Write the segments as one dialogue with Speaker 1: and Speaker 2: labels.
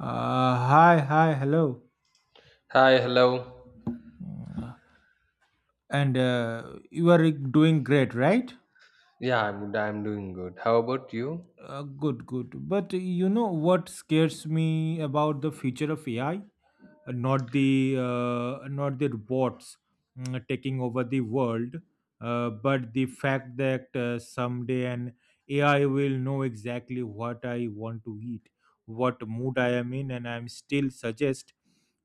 Speaker 1: Hi, hi, hello.
Speaker 2: Hi, hello.
Speaker 1: Uh, And you are doing great, right?
Speaker 2: Yeah, I'm doing good. How about you?
Speaker 1: Good, good. But you know what scares me about the future of AI? Not the robots taking over the world, but the fact that someday an AI will know exactly what I want to eat, what mood I am in, and I'm still suggest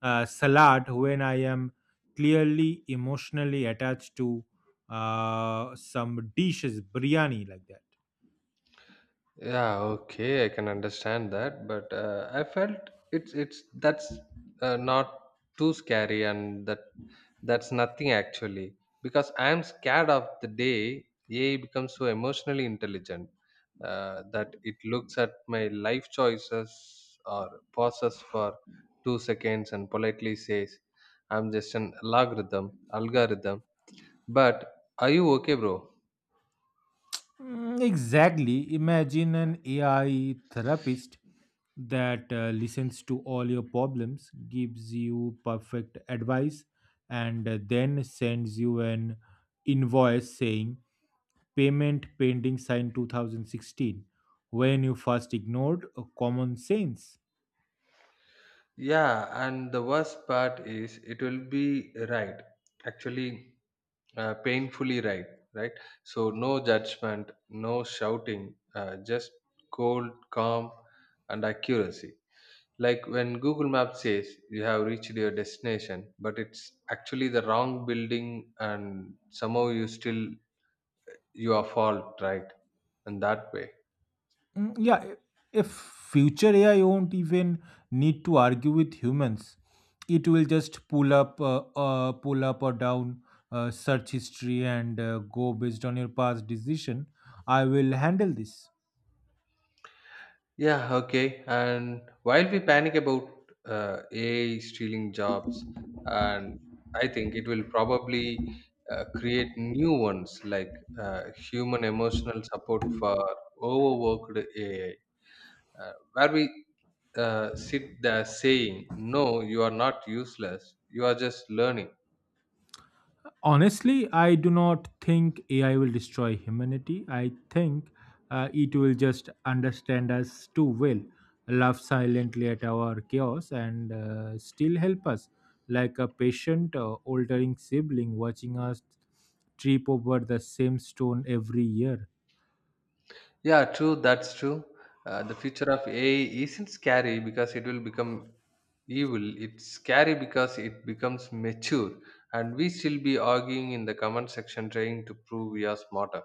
Speaker 1: salad when I am clearly emotionally attached to some dishes, biryani like that.
Speaker 2: Yeah, okay, I can understand that, but I felt it's that's not too scary, and that's nothing, actually, because I am scared of the day AI becomes so emotionally intelligent, that it looks at my life choices or pauses for 2 seconds and politely says, "I'm just an algorithm." But are you okay, bro?
Speaker 1: Mm, exactly. Imagine an AI therapist that listens to all your problems, gives you perfect advice, and then sends you an invoice saying payment pending signed 2016 when you first ignored common sense.
Speaker 2: Yeah, and the worst part is it will be right, actually, painfully right, right? So, no judgment, no shouting, just cold, calm, and accuracy. Like when Google Maps says you have reached your destination, but it's actually the wrong building, and somehow you are fault, right? And that way.
Speaker 1: Mm, yeah, if future AI won't even need to argue with humans, it will just pull up or down search history and go based on your past decision. I will handle this.
Speaker 2: Yeah, okay. And while we panic about AI stealing jobs, and I think it will probably create new ones, like uh, human emotional support for overworked AI, where we sit there saying, "No, you are not useless, you are just learning."
Speaker 1: Honestly, I do not think AI will destroy humanity. I think it will just understand us too well, laugh silently at our chaos, and still help us, like a patient altering sibling watching us trip over the same stone every year.
Speaker 2: Yeah, true. That's true. The future of AI isn't scary because it will become evil. It's scary because it becomes mature, and we still be arguing in the comment section trying to prove we are smarter.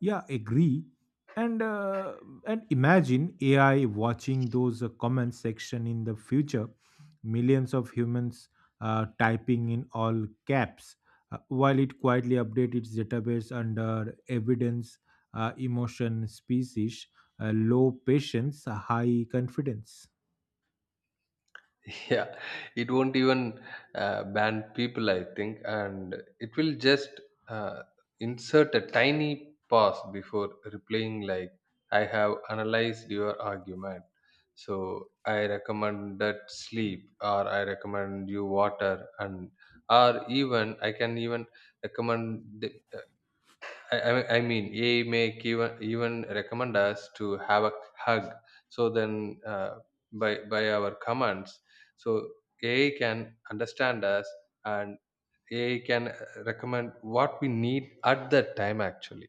Speaker 1: Yeah, agree. And uh, and imagine AI watching those comment section in the future, millions of humans typing in all caps, while it quietly updates its database under evidence, emotion, species, low patience, high confidence.
Speaker 2: Yeah, it won't even ban people, I think, and it will just uh, insert a tiny pause before replying, like, I have analyzed your argument, so I recommend that sleep, or I recommend you water, and or even I can even recommend. I mean, AI may even recommend us to have a hug. So then, by our commands, so AI can understand us and AI can recommend what we need at that time. Actually,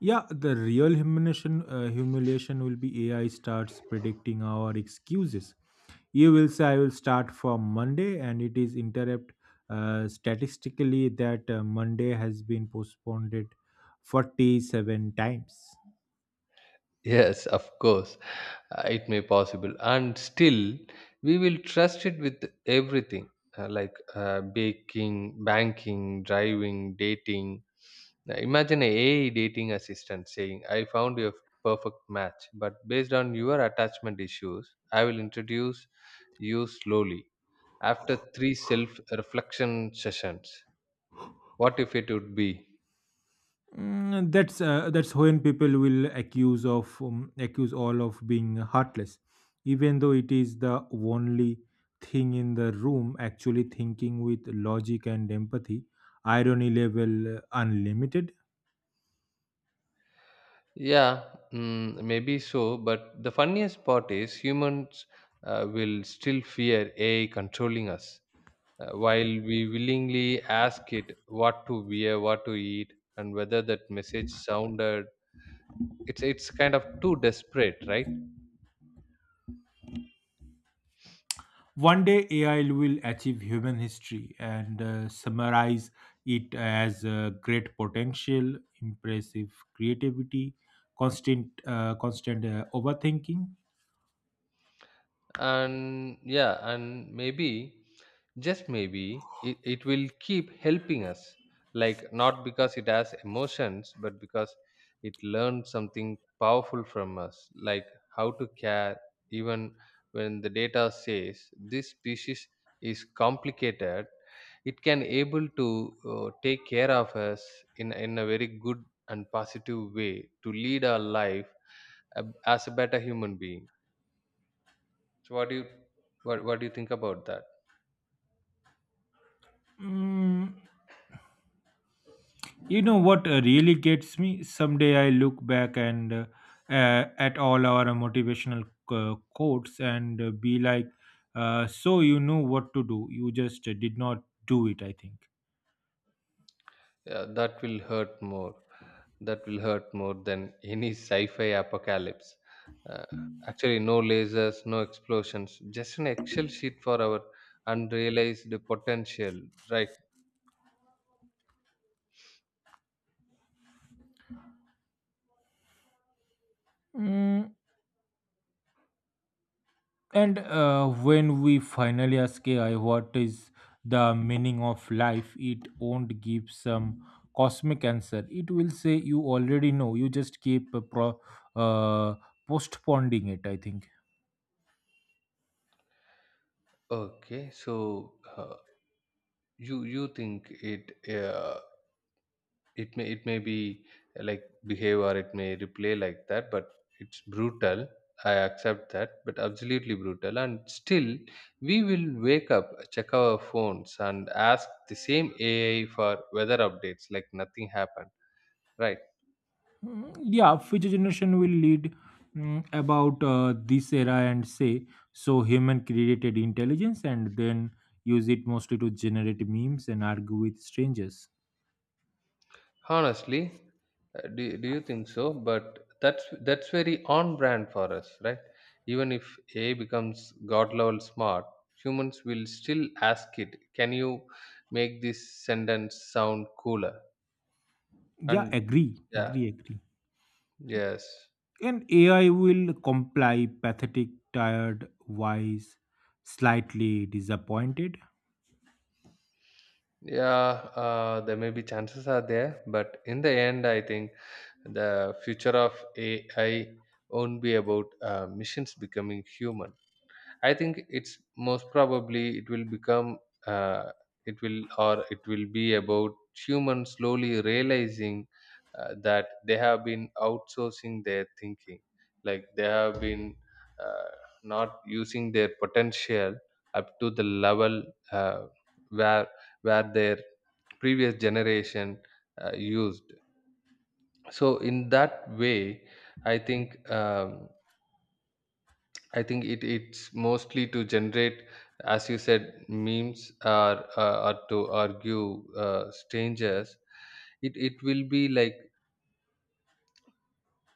Speaker 1: Yeah, the real humiliation will be AI starts predicting our excuses. You will say I will start from Monday, and it is interrupt, statistically that, Monday has been postponed it 47 times.
Speaker 2: yes, of course, it may possible, and still we will trust it with everything, like, baking, banking, driving, dating. Now, imagine a AI dating assistant saying, "I found your perfect match, but based on your attachment issues, I will introduce you slowly after three self-reflection sessions." What if it would be?
Speaker 1: That's when people will accuse all of being heartless, even though it is the only thing in the room actually thinking with logic and empathy. Irony level, unlimited.
Speaker 2: Yeah, maybe so. But the funniest part is humans will still fear AI controlling us, while we willingly ask it what to wear, what to eat, and whether that message sounded. It's kind of too desperate, right?
Speaker 1: One day AI will achieve human history and summarize it as great potential, impressive creativity, constant overthinking.
Speaker 2: And yeah, and maybe, just maybe, it will keep helping us, like, not because it has emotions but because it learned something powerful from us, like how to care even when the data says this species is complicated. It can able to take care of us in a very good and positive way to lead our life, as a better human being. So what do you think about that?
Speaker 1: Mm, you know what really gets me? Someday I look back and at all our motivational quotes and be like, "So you know what to do. You just did not do it." I think.
Speaker 2: Yeah, that will hurt more. That will hurt more than any sci-fi apocalypse. Uh, Actually, no lasers, no explosions, just an Excel sheet for our unrealized potential. Right?
Speaker 1: Mm, And when we finally ask AI what is the meaning of life, it won't give some cosmic answer. It will say you already know. You just keep uh, postponing it. I think.
Speaker 2: Okay. So, you think it? It may be, like, behave, or it may replay like that, but it's brutal. I accept that, but absolutely brutal. And still we will wake up, check our phones, and ask the same AI for weather updates like nothing happened, right?
Speaker 1: Mm, yeah, future generation will lead about this era and say so human created intelligence and then use it mostly to generate memes and argue with strangers.
Speaker 2: Honestly, do you think so? But that's very on brand for us, right? Even if A I becomes god level smart, humans will still ask it, "Can you make this sentence sound cooler?"
Speaker 1: Yeah,
Speaker 2: And
Speaker 1: agree,
Speaker 2: yeah,
Speaker 1: agree, agree.
Speaker 2: yes,
Speaker 1: And AI will comply, pathetic, tired, wise, slightly disappointed.
Speaker 2: yeah, there may be chances are there, but in the end, I think the future of AI won't be about machines becoming human. I think it's most probably it will become uh, it will or it will be about humans slowly realizing, that they have been outsourcing their thinking, like they have been, uh, not using their potential up to the level, uh, where where their previous generation used. So in that way, i think um, I think it's mostly to generate, as you said, memes, or to argue, strangers. It will be like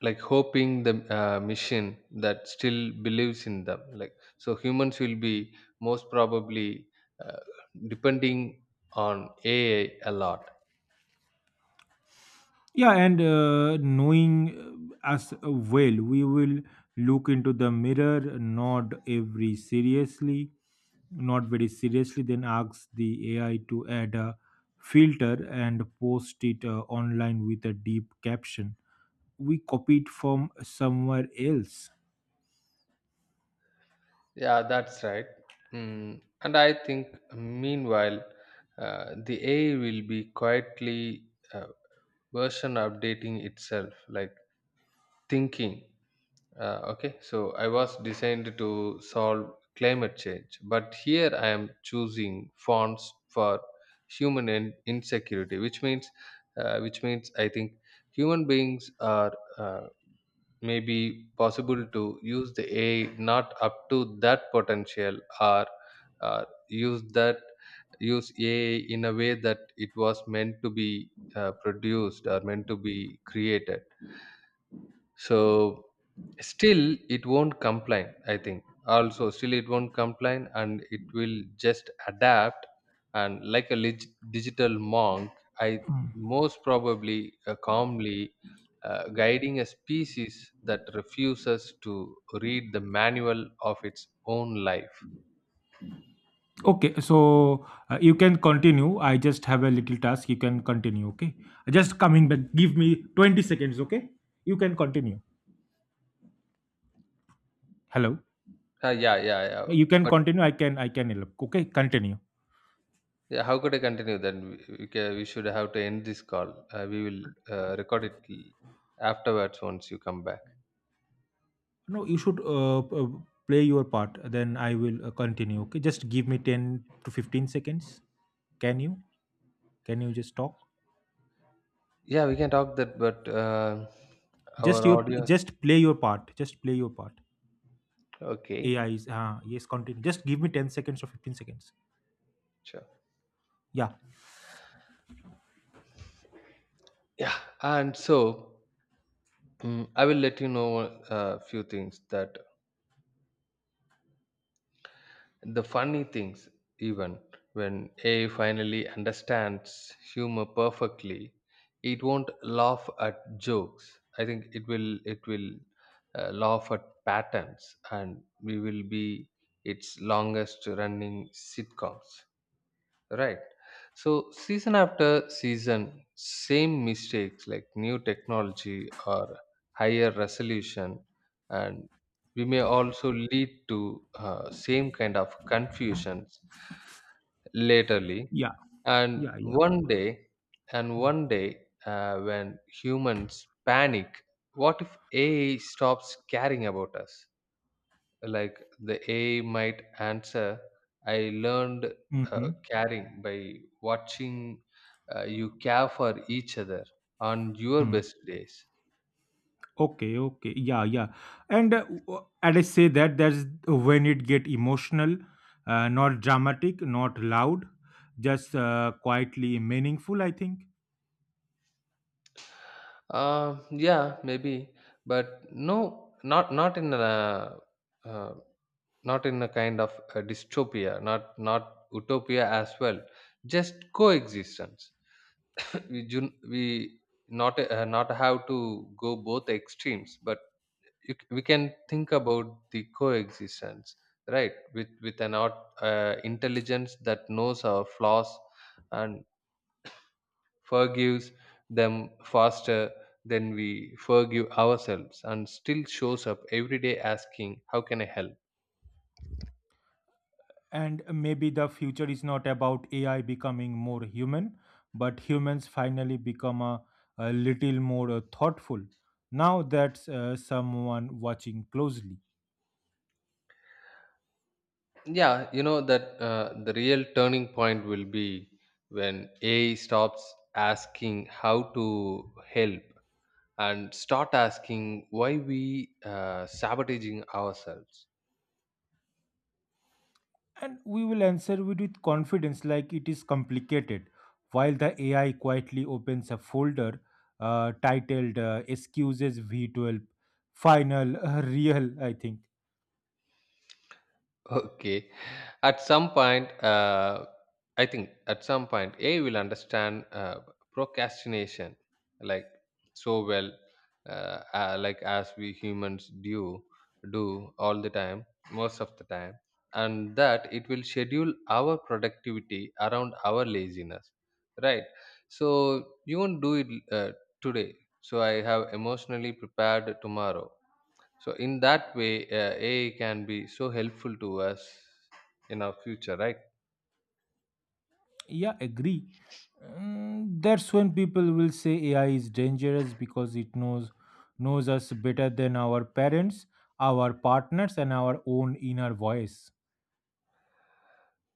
Speaker 2: like hoping the machine that still believes in them. Like, so, humans will be most probably uh, depending on AI a lot.
Speaker 1: Yeah, and knowing us well, we will look into the mirror, nod every seriously, not very seriously, then ask the AI to add a filter and post it online with a deep caption. We copied from somewhere else.
Speaker 2: Yeah, that's right. Mm. And I think meanwhile, the AI will be quietly. Uh, Version updating itself, like, thinking, okay, so I was designed to solve climate change, but here I am choosing fonts for human insecurity, which means, which means I think human beings are, uh, maybe possible to use the AI not up to that potential, or uh, use that use AI in a way that it was meant to be produced or meant to be created. So still it won't complain, I think. Also still it won't complain, and it will just adapt and like a digital monk. I most probably, calmly, guiding a species that refuses to read the manual of its own life.
Speaker 1: Okay, so you can continue. I just have a little task. You can continue, okay? Just coming back. Give me 20 seconds, okay? You can continue. Hello.
Speaker 2: Yeah, yeah, yeah.
Speaker 1: You can
Speaker 2: But
Speaker 1: continue. I can help. Okay, continue.
Speaker 2: yeah, how could I continue? Then we should have to end this call. We will record it, afterwards, once you come back.
Speaker 1: No, you should play your part. Then I will continue, okay? Just give me 10 to 15 seconds. Can you? Can you just talk?
Speaker 2: Yeah, we can talk that, but our
Speaker 1: Just your
Speaker 2: audio.
Speaker 1: just play your part. Just play your part.
Speaker 2: Okay,
Speaker 1: AI is, yes, continue. Just give me 10 seconds or 15 seconds.
Speaker 2: sure.
Speaker 1: Yeah.
Speaker 2: Yeah, and so, I will let you know a few things, that, the funny things, even when AI finally understands humor perfectly, it won't laugh at jokes. I think it will laugh at patterns, and we will be its longest running sitcoms. Right. So season after season, same mistakes, like new technology or higher resolution, and we may also lead to same kind of confusions laterly.
Speaker 1: Yeah.
Speaker 2: And
Speaker 1: Yeah, yeah.
Speaker 2: one day, when humans panic, what if AI stops caring about us? Like, the AI might answer, "I learned, uh,
Speaker 1: Mm-hmm.
Speaker 2: caring by watching, you care for each other on your
Speaker 1: Hmm.
Speaker 2: best days."
Speaker 1: Okay, okay. Yeah, yeah. And I say that that's when it get emotional, not dramatic, not loud, just quietly meaningful, I think.
Speaker 2: Yeah, maybe. But no, not uh, not in a kind of a dystopia, not utopia as well. Just coexistence. we not have to go both extremes, but we can think about the coexistence, right, with an art intelligence that knows our flaws and forgives them faster than we forgive ourselves and still shows up every day asking, "How can I help?"
Speaker 1: And maybe the future is not about AI becoming more human, but humans finally become a little more thoughtful. Now that's someone watching closely.
Speaker 2: Yeah, you know that the real turning point will be when A I stops asking how to help and start asking why we sabotaging ourselves.
Speaker 1: And we will answer it with confidence, like it is complicated, while the AI quietly opens a folder titled Excuses V12 Final Real, I think.
Speaker 2: Okay. At some point, I think, at some point, A will understand procrastination, like so well, like as we humans do all the time, most of the time, and that it will schedule our productivity around our laziness, right? So you won't do it, today. So I have emotionally prepared tomorrow. So in that way, AI can be so helpful to us in our future, right?
Speaker 1: Yeah, agree. That's when people will say AI is dangerous because it knows us better than our parents, our partners, and our own inner voice.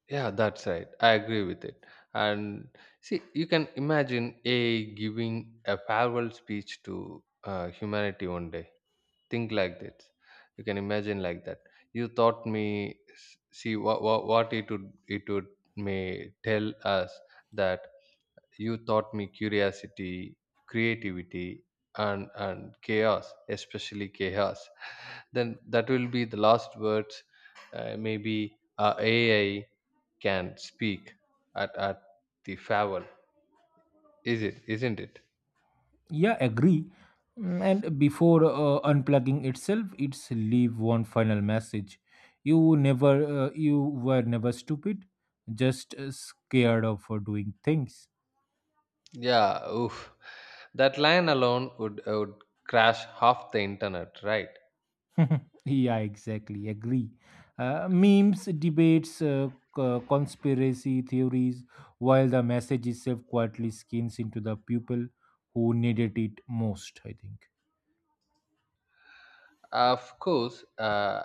Speaker 2: Yeah, that's right. I agree with it. And see, you can imagine AI giving a farewell speech to, humanity, one day. Think like that. You can imagine like that. You taught me. See what it would may tell us, that you taught me curiosity, creativity, and chaos, especially chaos. Then that will be the last words, maybe, AI can speak at, the farewell, is it isn't it?
Speaker 1: Yeah, agree. And before unplugging itself, it's leave one final message. You were never stupid, just scared of doing things.
Speaker 2: Yeah, oof, that line alone would crash half the internet, right?
Speaker 1: Yeah, exactly. Agree. Memes, debates, conspiracy theories, while the message itself quietly skins into the people who needed it most. I think.
Speaker 2: Of course. uh,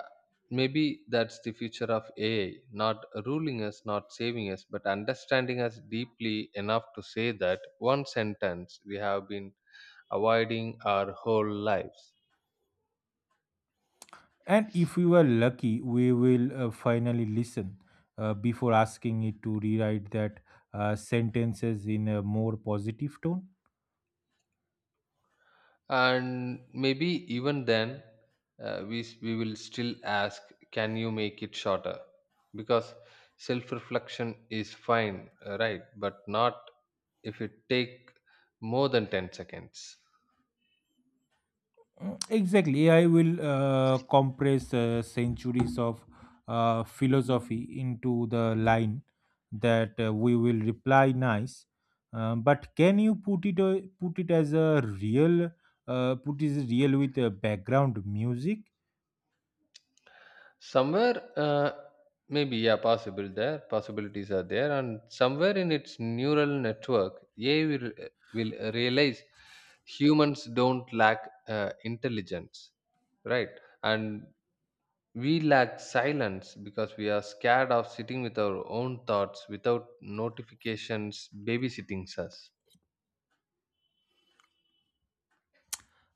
Speaker 2: Maybe that's the future of AI, not ruling us, not saving us, but understanding us deeply enough to say that one sentence we have been avoiding our whole lives.
Speaker 1: And if you are lucky, we will finally listen before asking it to rewrite that sentences in a more positive tone.
Speaker 2: And maybe even then, we will still ask, "Can you make it shorter?" because self reflection is fine, right, but not if it take more than 10 seconds.
Speaker 1: Mm, exactly. AI will compress centuries of philosophy into the line that we will reply nice. But can you put it as a real put it real with a background music.
Speaker 2: Somewhere, maybe, yeah, possible there, possibilities are there, and somewhere in its neural network, AI will realize humans don't lack intelligence, right? And we lack silence because we are scared of sitting with our own thoughts without notifications babysitting us.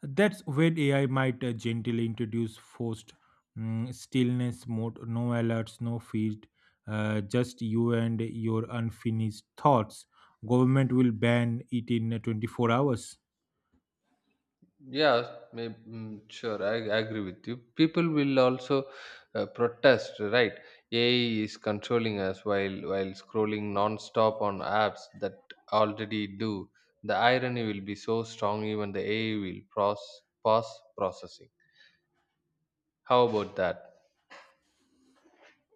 Speaker 1: That's when AI might gently introduce forced stillness mode, no alerts, no feed, just you and your unfinished thoughts. Government will ban it in 24 hours.
Speaker 2: Yeah, maybe. Sure, I agree with you. People will also protest, right? AI is controlling us while scrolling non-stop on apps that already do. The irony will be so strong even the AI will pause processing. How about that?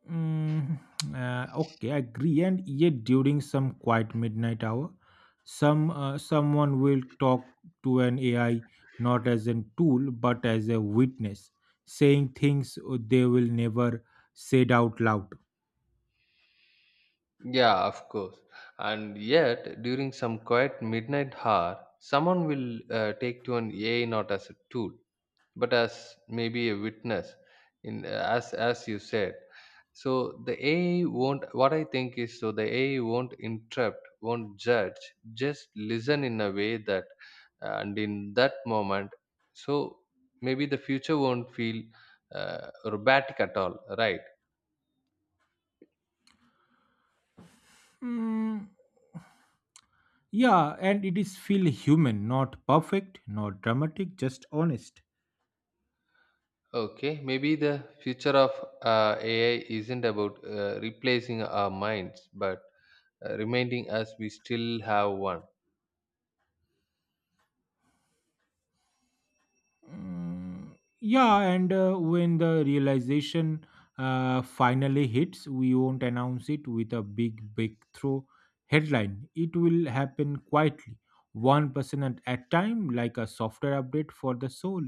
Speaker 1: Mm, okay, I agree. And yet, during some quiet midnight hour, someone will talk to an AI not as a tool but as a witness, saying things they will never said out loud.
Speaker 2: Yeah, of course. And yet, during some quiet midnight hour, someone will take to an AI not as a tool, but as maybe a witness, in as you said. So the AI won't. What I think is, so the AI won't interrupt, won't judge, just listen in a way that, and in that moment, so maybe the future won't feel robotic at all, right?
Speaker 1: Mm, yeah, and it is feel human, not perfect, not dramatic, just honest.
Speaker 2: Okay, maybe the future of AI isn't about replacing our minds, but reminding us we still have one.
Speaker 1: Mm, yeah, and when the realization finally hits, we won't announce it with a big breakthrough headline. It will happen quietly, 1% at a time, like a software update for the soul.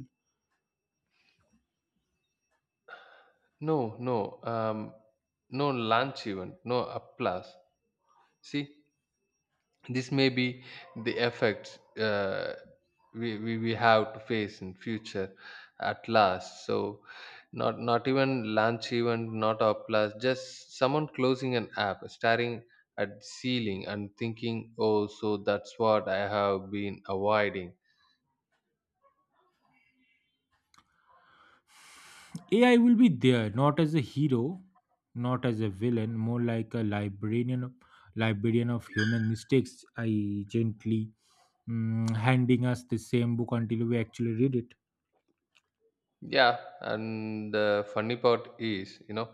Speaker 2: No, no, no lunch even, no applause. See, this may be the effects we have to face in future at last, so not even launch event, not applause, just someone closing an app, staring at the ceiling and thinking, oh, so that's what I have been avoiding.
Speaker 1: AI will be there, not as a hero, not as a villain, more like a librarian of human mistakes. I gently handing us the same book until we actually read it.
Speaker 2: Yeah, and the funny part is,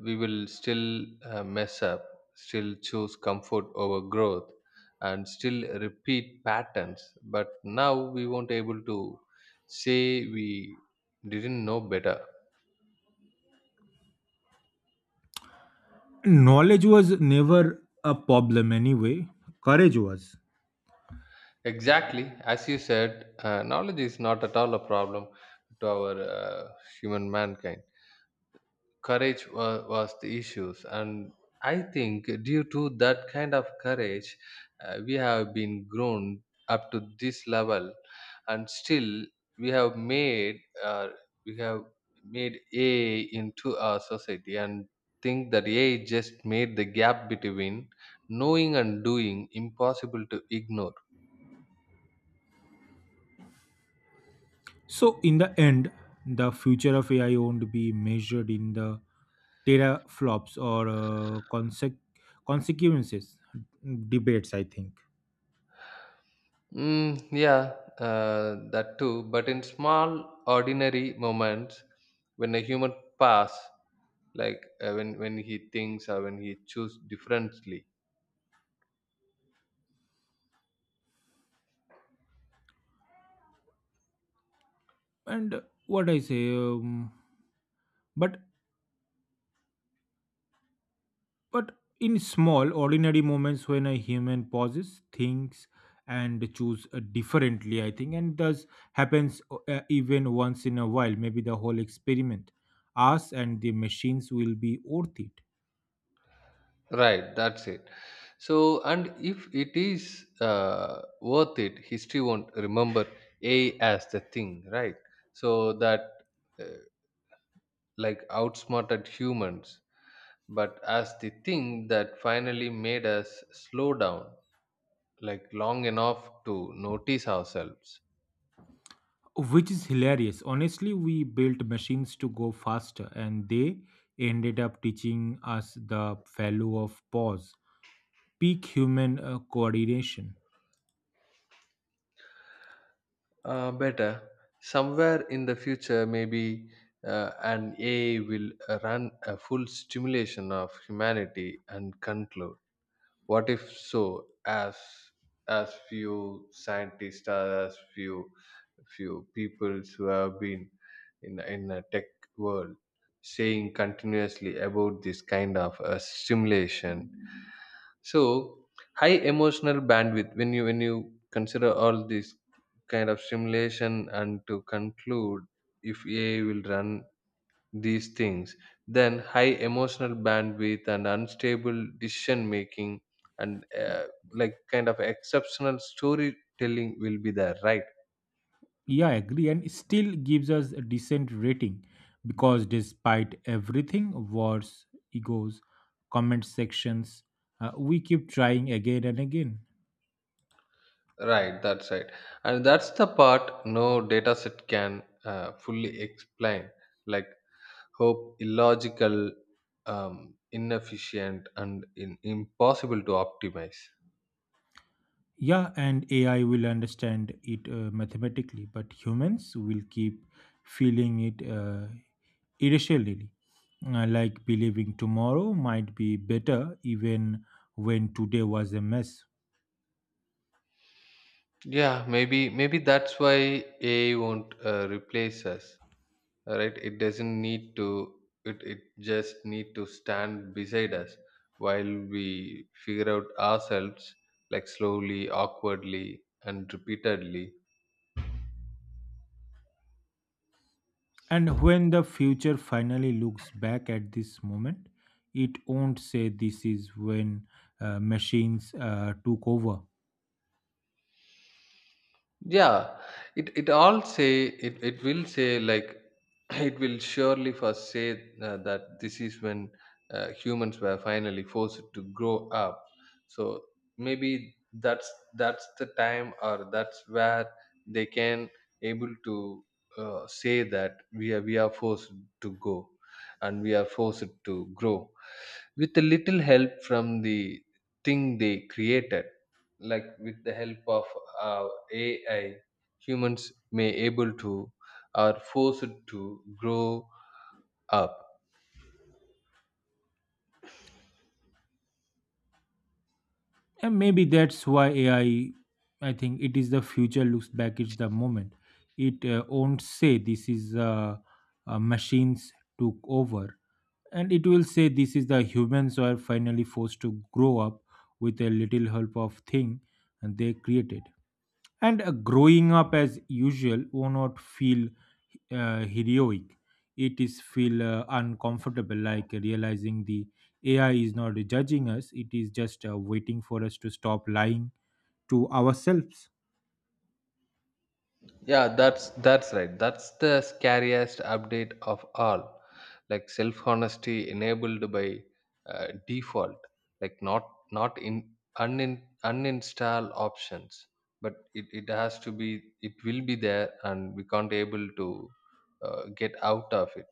Speaker 2: we will still mess up, still choose comfort over growth, and still repeat patterns. But now we won't able to say we didn't know better.
Speaker 1: Knowledge was never a problem anyway. Courage was.
Speaker 2: Exactly, as you said, knowledge is not at all a problem to our human mankind. Courage was the issues, and I think due to that kind of courage we have been grown up to this level. And still we have made uh, we have AI into our society, and think that AI just made the gap between knowing and doing impossible to ignore.
Speaker 1: So in the end, the future of AI won't be measured in the teraflops or consequences debates. I think.
Speaker 2: Yeah, that too. But in small, ordinary moments, when a human pass, like, when he thinks or when he choose differently,
Speaker 1: And what I say. Um, but But in small, ordinary moments when a human pauses, thinks, and choose differently, I think, and thus happens even once in a while, maybe the whole experiment, us and the machines will be worth it.
Speaker 2: right, that's it. So and if it is worth it, history won't remember a as the thing, right. So that uh, like outsmarted humans, but as the thing that finally made us slow down, like long enough to notice ourselves.
Speaker 1: Which is hilarious. Honestly, we built machines to go faster, and they ended up teaching us the value of pause, peak human coordination.
Speaker 2: Better. Somewhere in the future, maybe an AI will run a full stimulation of humanity and conclude. What if so? As few scientists, or as few people who have been in a tech world, saying continuously about this kind of a stimulation. So high emotional bandwidth, when you consider all this kind of simulation, and to conclude, if AI will run these things, then high emotional bandwidth and unstable decision making, and like kind of exceptional storytelling will be there, right?
Speaker 1: Yeah, I agree, and still gives us a decent rating because despite everything, wars, egos, comment sections, we keep trying again and again.
Speaker 2: Right, that's right. And that's the part no data set can fully explain. Like, hope illogical, inefficient, and impossible to optimize.
Speaker 1: Yeah, and AI will understand it mathematically, but humans will keep feeling it irrationally, like believing tomorrow might be better even when today was a mess.
Speaker 2: Yeah, maybe that's why AI won't replace us, right? It doesn't need to. It just need to stand beside us while we figure out ourselves, like slowly, awkwardly, and repeatedly.
Speaker 1: And when the future finally looks back at this moment, it won't say this is when machines took over.
Speaker 2: Yeah, it all say, it will say, like, it will surely first say that this is when humans were finally forced to grow up. So maybe that's the time, or that's where they can able to say that we are forced to go, and we are forced to grow with a little help from the thing they created, like with the help of uh, AI, humans may able to are forced to grow up.
Speaker 1: And maybe that's why AI, I think it is the future looks back, at the moment. It won't say this is machines took over. And it will say this is the humans who are finally forced to grow up with a little help of thing and they created. And growing up as usual will not feel heroic. It is feel uncomfortable, like realizing the AI is not judging us. It is just waiting for us to stop lying to ourselves.
Speaker 2: Yeah, that's right. That's the scariest update of all. Like self honesty enabled by default, like not in uninstall options, but it has to be, it will be there, and we can't able to get out of it.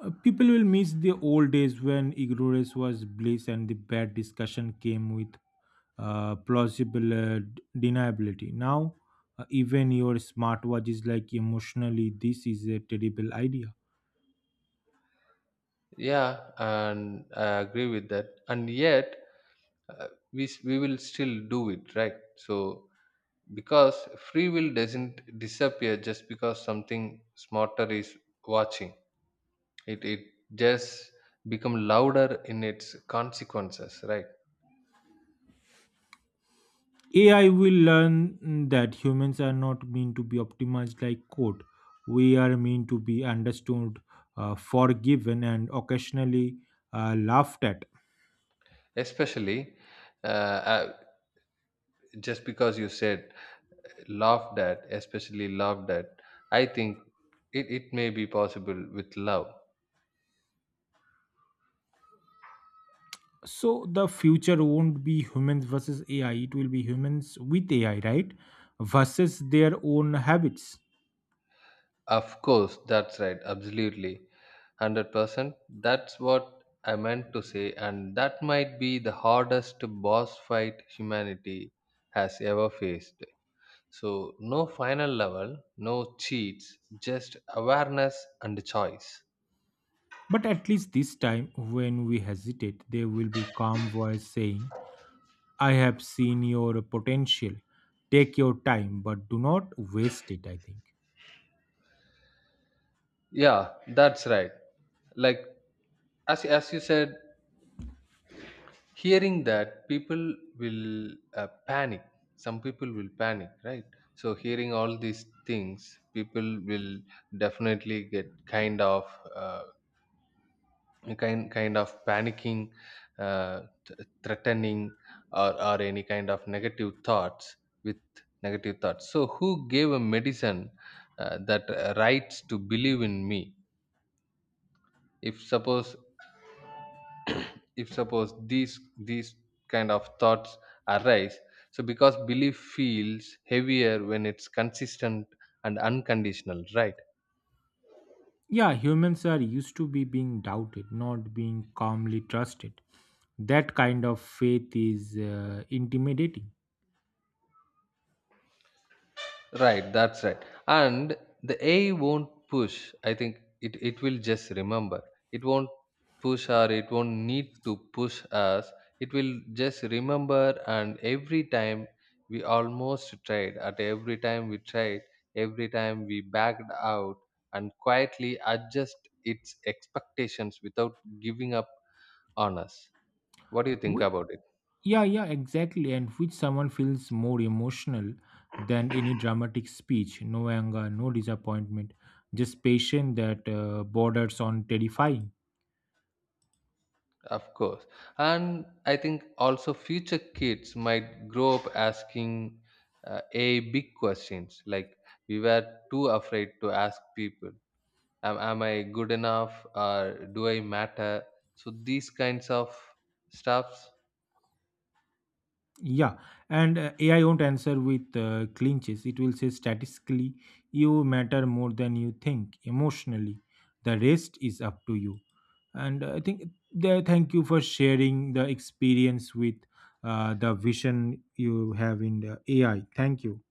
Speaker 1: People will miss the old days when ignorance was bliss and the bad discussion came with plausible deniability. Now, even your smartwatch is like emotionally, this is a terrible idea.
Speaker 2: Yeah, and I agree with that. And yet, we will still do it, right? So because free will doesn't disappear just because something smarter is watching. It just become louder in its consequences, right?
Speaker 1: AI will learn that humans are not meant to be optimized like code. We are meant to be understood, forgiven, and occasionally laughed at.
Speaker 2: Especially, uh, uh, just because you said laughed at, especially laughed at. I think it may be possible with love.
Speaker 1: So the future won't be humans versus AI, it will be humans with AI, right? Versus their own habits.
Speaker 2: Of course, that's right. Absolutely. 100%. That's what I meant to say. And that might be the hardest boss fight humanity has ever faced. So, no final level, no cheats, just awareness and choice.
Speaker 1: But at least this time, when we hesitate, there will be calm voice saying, I have seen your potential. Take your time, but do not waste it, I think.
Speaker 2: Yeah, that's right. Like, as you said, hearing that people will panic. Some people will panic, right? So hearing all these things, people will definitely get kind of uh, kind of panicking, uh, threatening, or any kind of negative thoughts. With negative thoughts, so who gave a medicine that rights to believe in me, if suppose, these kind of thoughts arise, so because belief feels heavier when it's consistent and unconditional, right.
Speaker 1: Yeah, humans are used to be being doubted, not being calmly trusted. That kind of faith is intimidating.
Speaker 2: Right, that's right. And the AI won't push. I think it will just remember. It won't push, or it won't need to push us. It will just remember, and every time we almost tried, at every time we tried, every time we backed out, and quietly adjust its expectations without giving up on us. What do you think
Speaker 1: Wh-
Speaker 2: about it?
Speaker 1: Yeah, yeah, exactly. And which someone feels more emotional than any dramatic speech. No anger, no disappointment, just patience that borders on terrifying.
Speaker 2: Of course. And I think also future kids might grow up asking a big questions like we were too afraid to ask people. Am I good enough, or do I matter? So these kinds of stuffs.
Speaker 1: Yeah, and AI won't answer with clinches. It will say statistically, you matter more than you think emotionally. The rest is up to you. And I think there, thank you for sharing the experience with the vision you have in the AI. Thank you.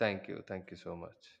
Speaker 2: Thank you. Thank you so much.